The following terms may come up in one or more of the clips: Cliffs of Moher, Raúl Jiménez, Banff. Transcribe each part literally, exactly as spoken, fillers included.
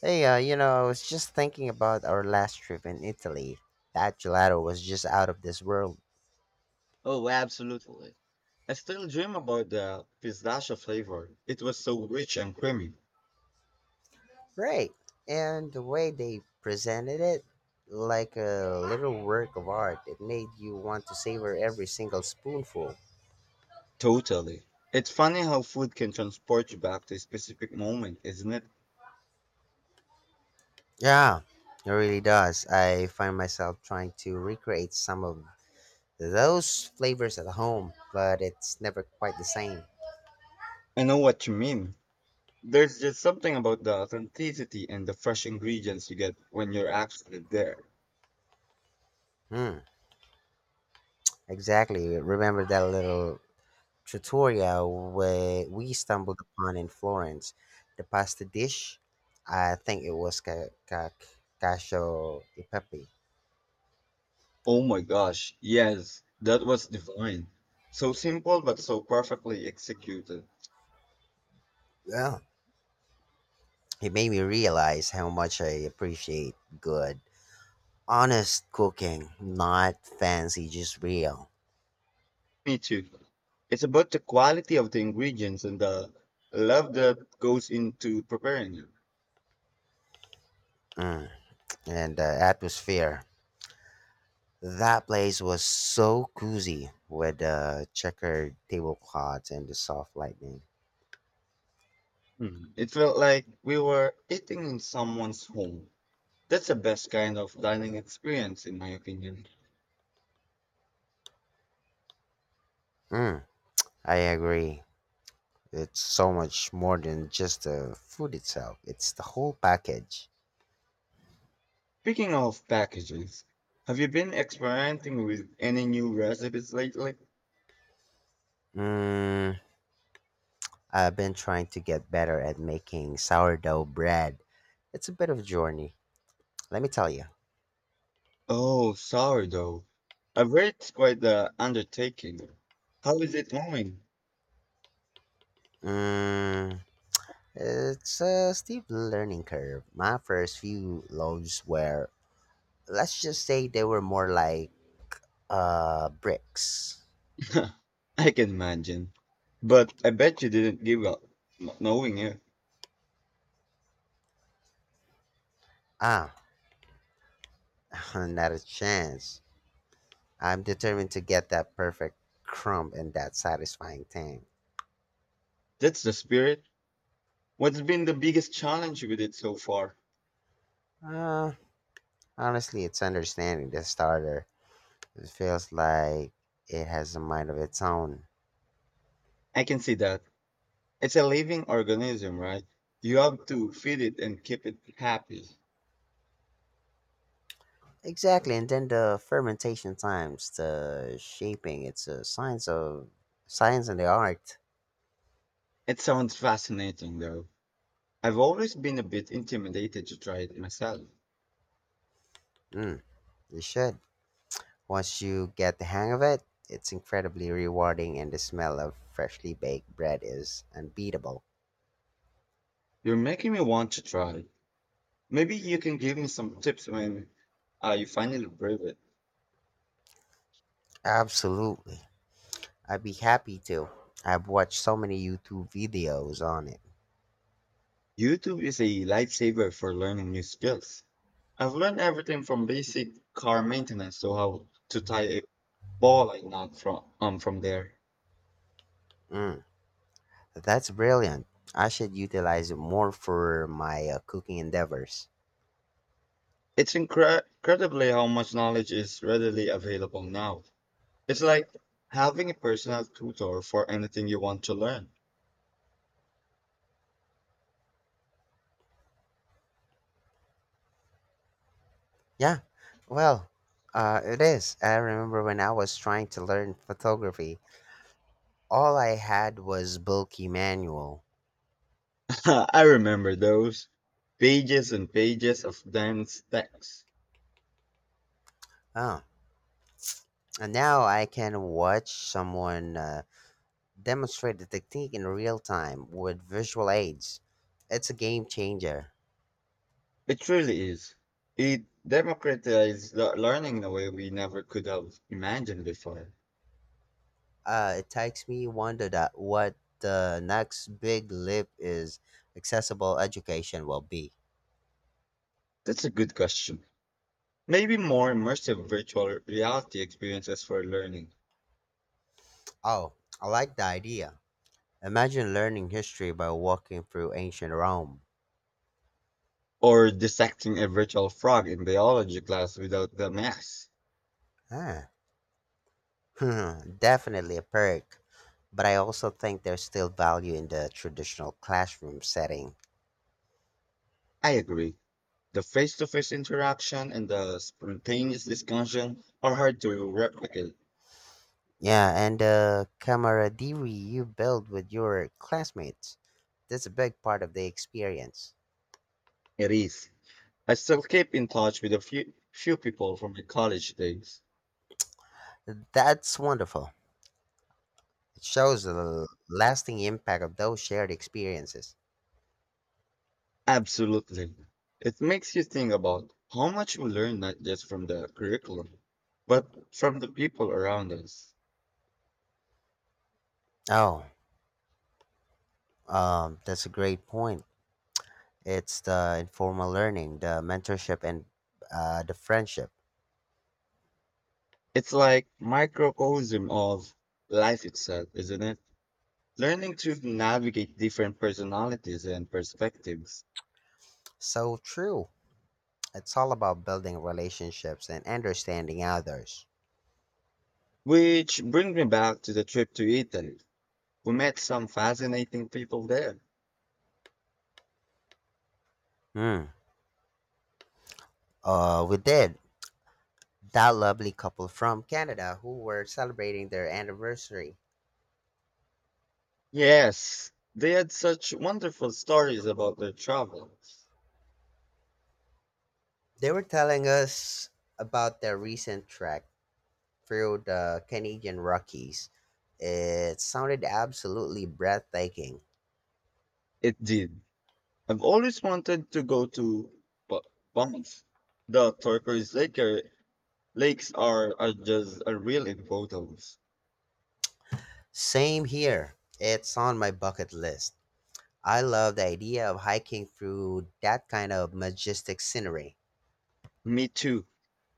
Hey, uh, you know, I was just thinking about our last trip in Italy. That gelato was just out of this world. Oh, absolutely. I still dream about the pistachio flavor. It was so rich and creamy. Right? And the way they presented it, like a little work of art, it made you want to savor every single spoonful. Totally. It's funny how food can transport you back to a specific moment, isn't it? Yeah, it really does. I find myself trying to recreate some of those flavors at home, but it's never quite the same. I know what you mean. There's just something about the authenticity and the fresh ingredients you get when you're actually there. Hmm, exactly. Remember that little tutorial where we stumbled upon in Florence. The pasta dish, I think it was ca- ca- cacio e pepe. Oh my gosh, yes, that was divine. So simple but so perfectly executed. Yeah, it made me realize how much I appreciate good, honest cooking, not fancy, just real. Me too. It's about the quality of the ingredients and the love that goes into preparing it. Mm. And the atmosphere. That place was so cozy with the checkered tablecloths and the soft lighting. Hmm. It felt like we were eating in someone's home. That's the best kind of dining experience, in my opinion. Mm, I agree. It's so much more than just the food itself, it's the whole package. Speaking of packages, have you been experimenting with any new recipes lately? Mm, I've been trying to get better at making sourdough bread. It's a bit of a journey, let me tell you. Oh, sorry though. I've heard it's quite the undertaking. How is it going? Mm, it's a steep learning curve. My first few loaves were, let's just say they were more like uh, bricks. I can imagine. But I bet you didn't give up n- knowing it. Ah, not a chance. I'm determined to get that perfect crumb and that satisfying thing. That's the spirit. What's been the biggest challenge with it so far? Uh, Honestly, it's understanding the starter. It feels like it has a mind of its own. I can see that. It's a living organism, right? You have to feed it and keep it happy. Exactly, and then the fermentation times, the shaping, it's a science of science and the art. It sounds fascinating, though. I've always been a bit intimidated to try it myself. Mm, you should. Once you get the hang of it, it's incredibly rewarding, and the smell of freshly baked bread is unbeatable. You're making me want to try. Maybe you can give me some tips when uh, you finally prove it. Absolutely. I'd be happy to. I've watched so many YouTube videos on it. YouTube is a lifesaver for learning new skills. I've learned everything from basic car maintenance to how to tie a ball like knot from um, from there. Mm. That's brilliant. I should utilize it more for my uh, cooking endeavors. It's incre- incredibly how much knowledge is readily available now. It's like having a personal tutor for anything you want to learn. Yeah, well, uh, it is. I remember when I was trying to learn photography, all I had was bulky manual. I remember those pages and pages of dense text. Oh, and now I can watch someone uh, demonstrate the technique in real time with visual aids. It's a game changer. It truly is. It democratized le- learning in a way we never could have imagined before. Uh, it takes me wonder that what the next big leap is accessible education will be. That's a good question. Maybe more immersive virtual reality experiences for learning, Oh, I like the idea. Imagine learning history by walking through ancient Rome. or dissecting a virtual frog in biology class without the mess. Ah, definitely a perk. But I also think there's still value in the traditional classroom setting. I agree. The face to face interaction and the spontaneous discussion are hard to replicate. Yeah, and the camaraderie you build with your classmates. That's a big part of the experience. It is. I still keep in touch with a few, few people from my college days. That's wonderful. It shows the l- lasting impact of those shared experiences. Absolutely. It makes you think about how much we learn not just from the curriculum, but from the people around us. Oh, um, that's a great point. It's the informal learning, the mentorship, and uh, the friendship. It's like microcosm of life itself, isn't it? Learning to navigate different personalities and perspectives. So true. It's all about building relationships and understanding others. Which brings me back to the trip to Italy. We met some fascinating people there. Hmm. Uh, we did. That lovely couple from Canada who were celebrating their anniversary. Yes, they had such wonderful stories about their travel. They were telling us about their recent trek through the Canadian Rockies. It sounded absolutely breathtaking. It did. I've always wanted to go to Ba- Banff. The turquoise lake are- lakes are, are just a real in photos. Same here. It's on my bucket list. I love the idea of hiking through that kind of majestic scenery. Me too.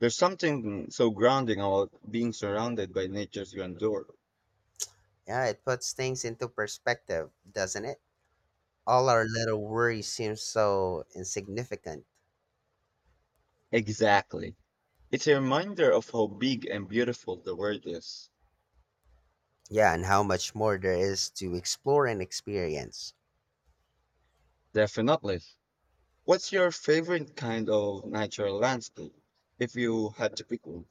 There's something so grounding about being surrounded by nature's grandeur. Yeah, it puts things into perspective, doesn't it? All our little worries seem so insignificant. Exactly. It's a reminder of how big and beautiful the world is. Yeah, and how much more there is to explore and experience. Definitely. What's your favorite kind of natural landscape, if you had to pick one?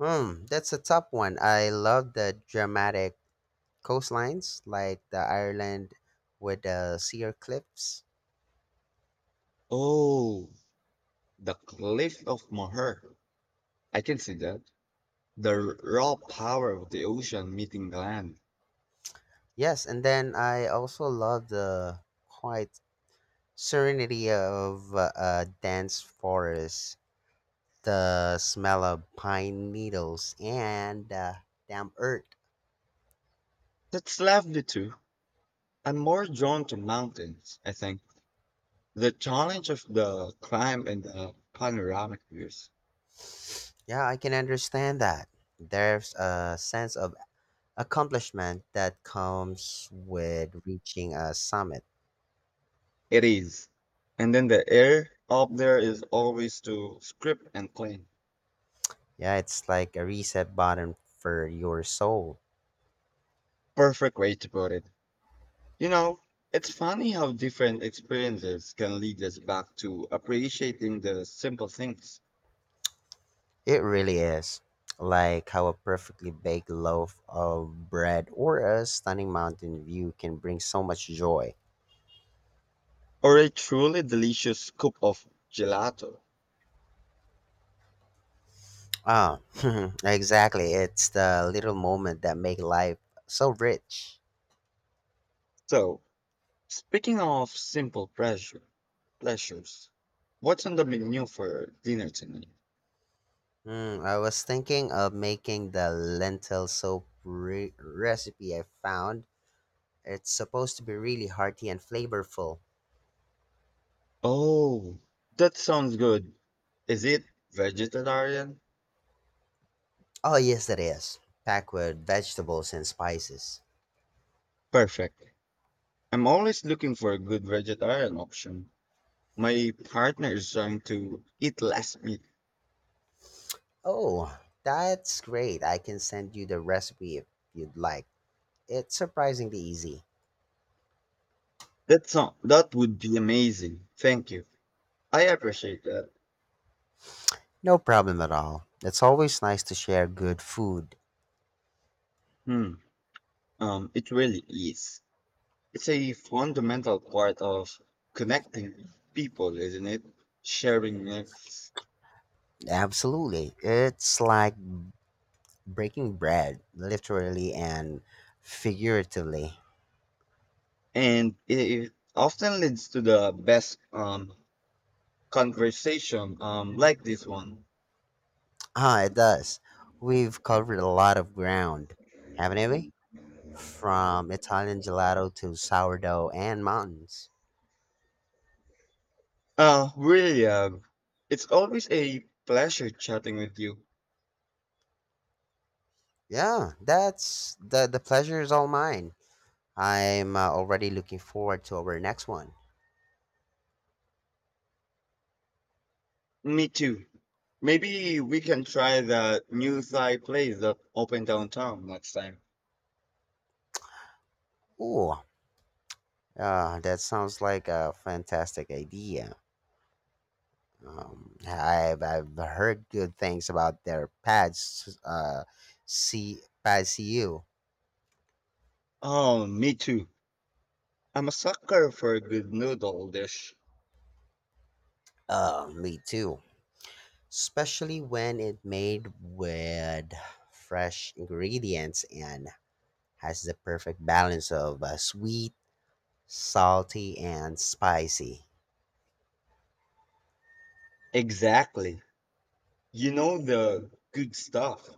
Hmm, that's a tough one. I love the dramatic coastlines, like the Ireland with the sheer cliffs. Oh, the cliff of Moher. I can see that. The r- raw power of the ocean meeting the land. Yes, and then I also love the quiet serenity of uh, a dense forest, the smell of pine needles and the damp earth. That's lovely too. I'm more drawn to mountains, I think. The challenge of the climb and the panoramic views. Yeah, I can understand that. There's a sense of accomplishment that comes with reaching a summit. It is. And then the air up there is always too crisp and clean. Yeah, it's like a reset button for your soul. Perfect way to put it. You know, it's funny how different experiences can lead us back to appreciating the simple things It really is. Like how a perfectly baked loaf of bread or a stunning mountain view can bring so much joy. or a truly delicious scoop of gelato. Ah, exactly. It's the little moment that make life so rich. So, speaking of simple pleasure, pleasures, what's on the menu for dinner tonight? Mm, I was thinking of making the lentil soup re- recipe I found. It's supposed to be really hearty and flavorful. Oh, that sounds good. Is it vegetarian? Oh, yes, it is. Packed with vegetables and spices. Perfect. I'm always looking for a good vegetarian option. My partner is trying to eat less meat. Oh, that's great. I can send you the recipe if you'd like. It's surprisingly easy. That sound that would be amazing. Thank you. I appreciate that. No problem at all. It's always nice to share good food. Hmm. Um, it really is. It's a fundamental part of connecting people, isn't it? Sharing it, Absolutely. It's like breaking bread, literally and figuratively. and it often leads to the best um conversation, um like this one. Ah, it does. We've covered a lot of ground, haven't we? From Italian gelato to sourdough and mountains. Uh, really. Uh, it's always a pleasure chatting with you. Yeah, that's the the pleasure is all mine. I'm uh, already looking forward to our next one. Me too. Maybe we can try that new Thai place that open downtown next time. Ooh, uh, that sounds like a fantastic idea. Um, I've I've heard good things about their pads. Uh, see, pads C U. Oh, me too. I'm a sucker for a good noodle dish. Uh, me too. Especially when it made with fresh ingredients and has the perfect balance of uh, sweet, salty, and spicy. Exactly. You know the good stuff.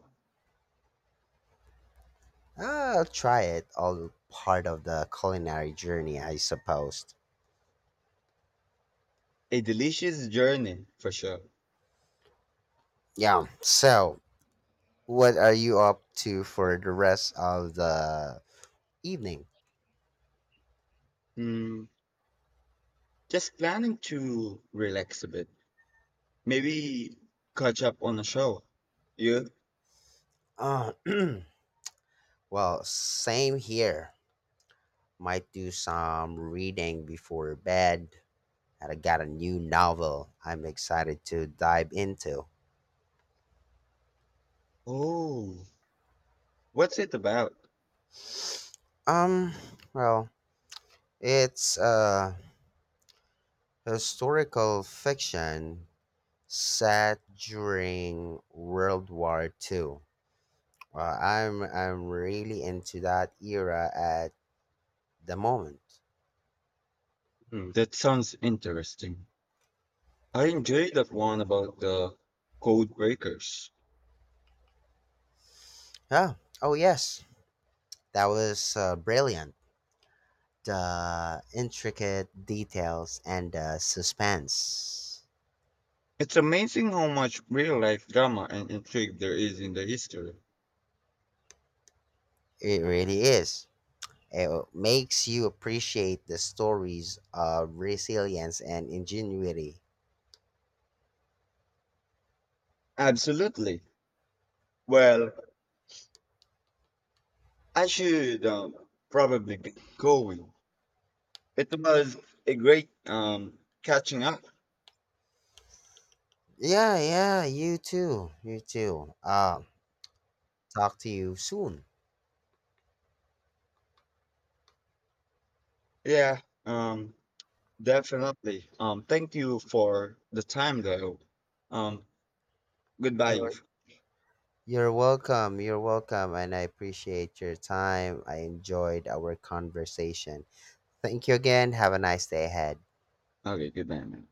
I'll try it, all part of the culinary journey, I suppose. A delicious journey for sure. Yeah, so what are you up to for the rest of the evening? Hmm. Just planning to relax a bit. Maybe catch up on a show. You? Uh, well, same here. Might do some reading before bed, and I got a new novel I'm excited to dive into. Oh, what's it about? Um, well, it's uh Historical fiction set during World War two. Uh, I'm I'm really into that era at the moment. Hmm, that sounds interesting. I enjoyed that one about the code breakers. Yeah. Oh yes, that was uh, brilliant. The intricate details and the suspense. It's amazing how much real life drama and intrigue there is in the history. It really is. It makes you appreciate the stories of resilience and ingenuity. Absolutely. Well, I should, um, probably be going. It was a great, um, catching up. Yeah, yeah, you too. You too. Uh, talk to you soon. Yeah, um, definitely. Um, thank you for the time, though. Um, Goodbye. You're you're welcome. You're welcome, and I appreciate your time. I enjoyed our conversation. Thank you again. Have a nice day ahead. Okay, goodbye, man.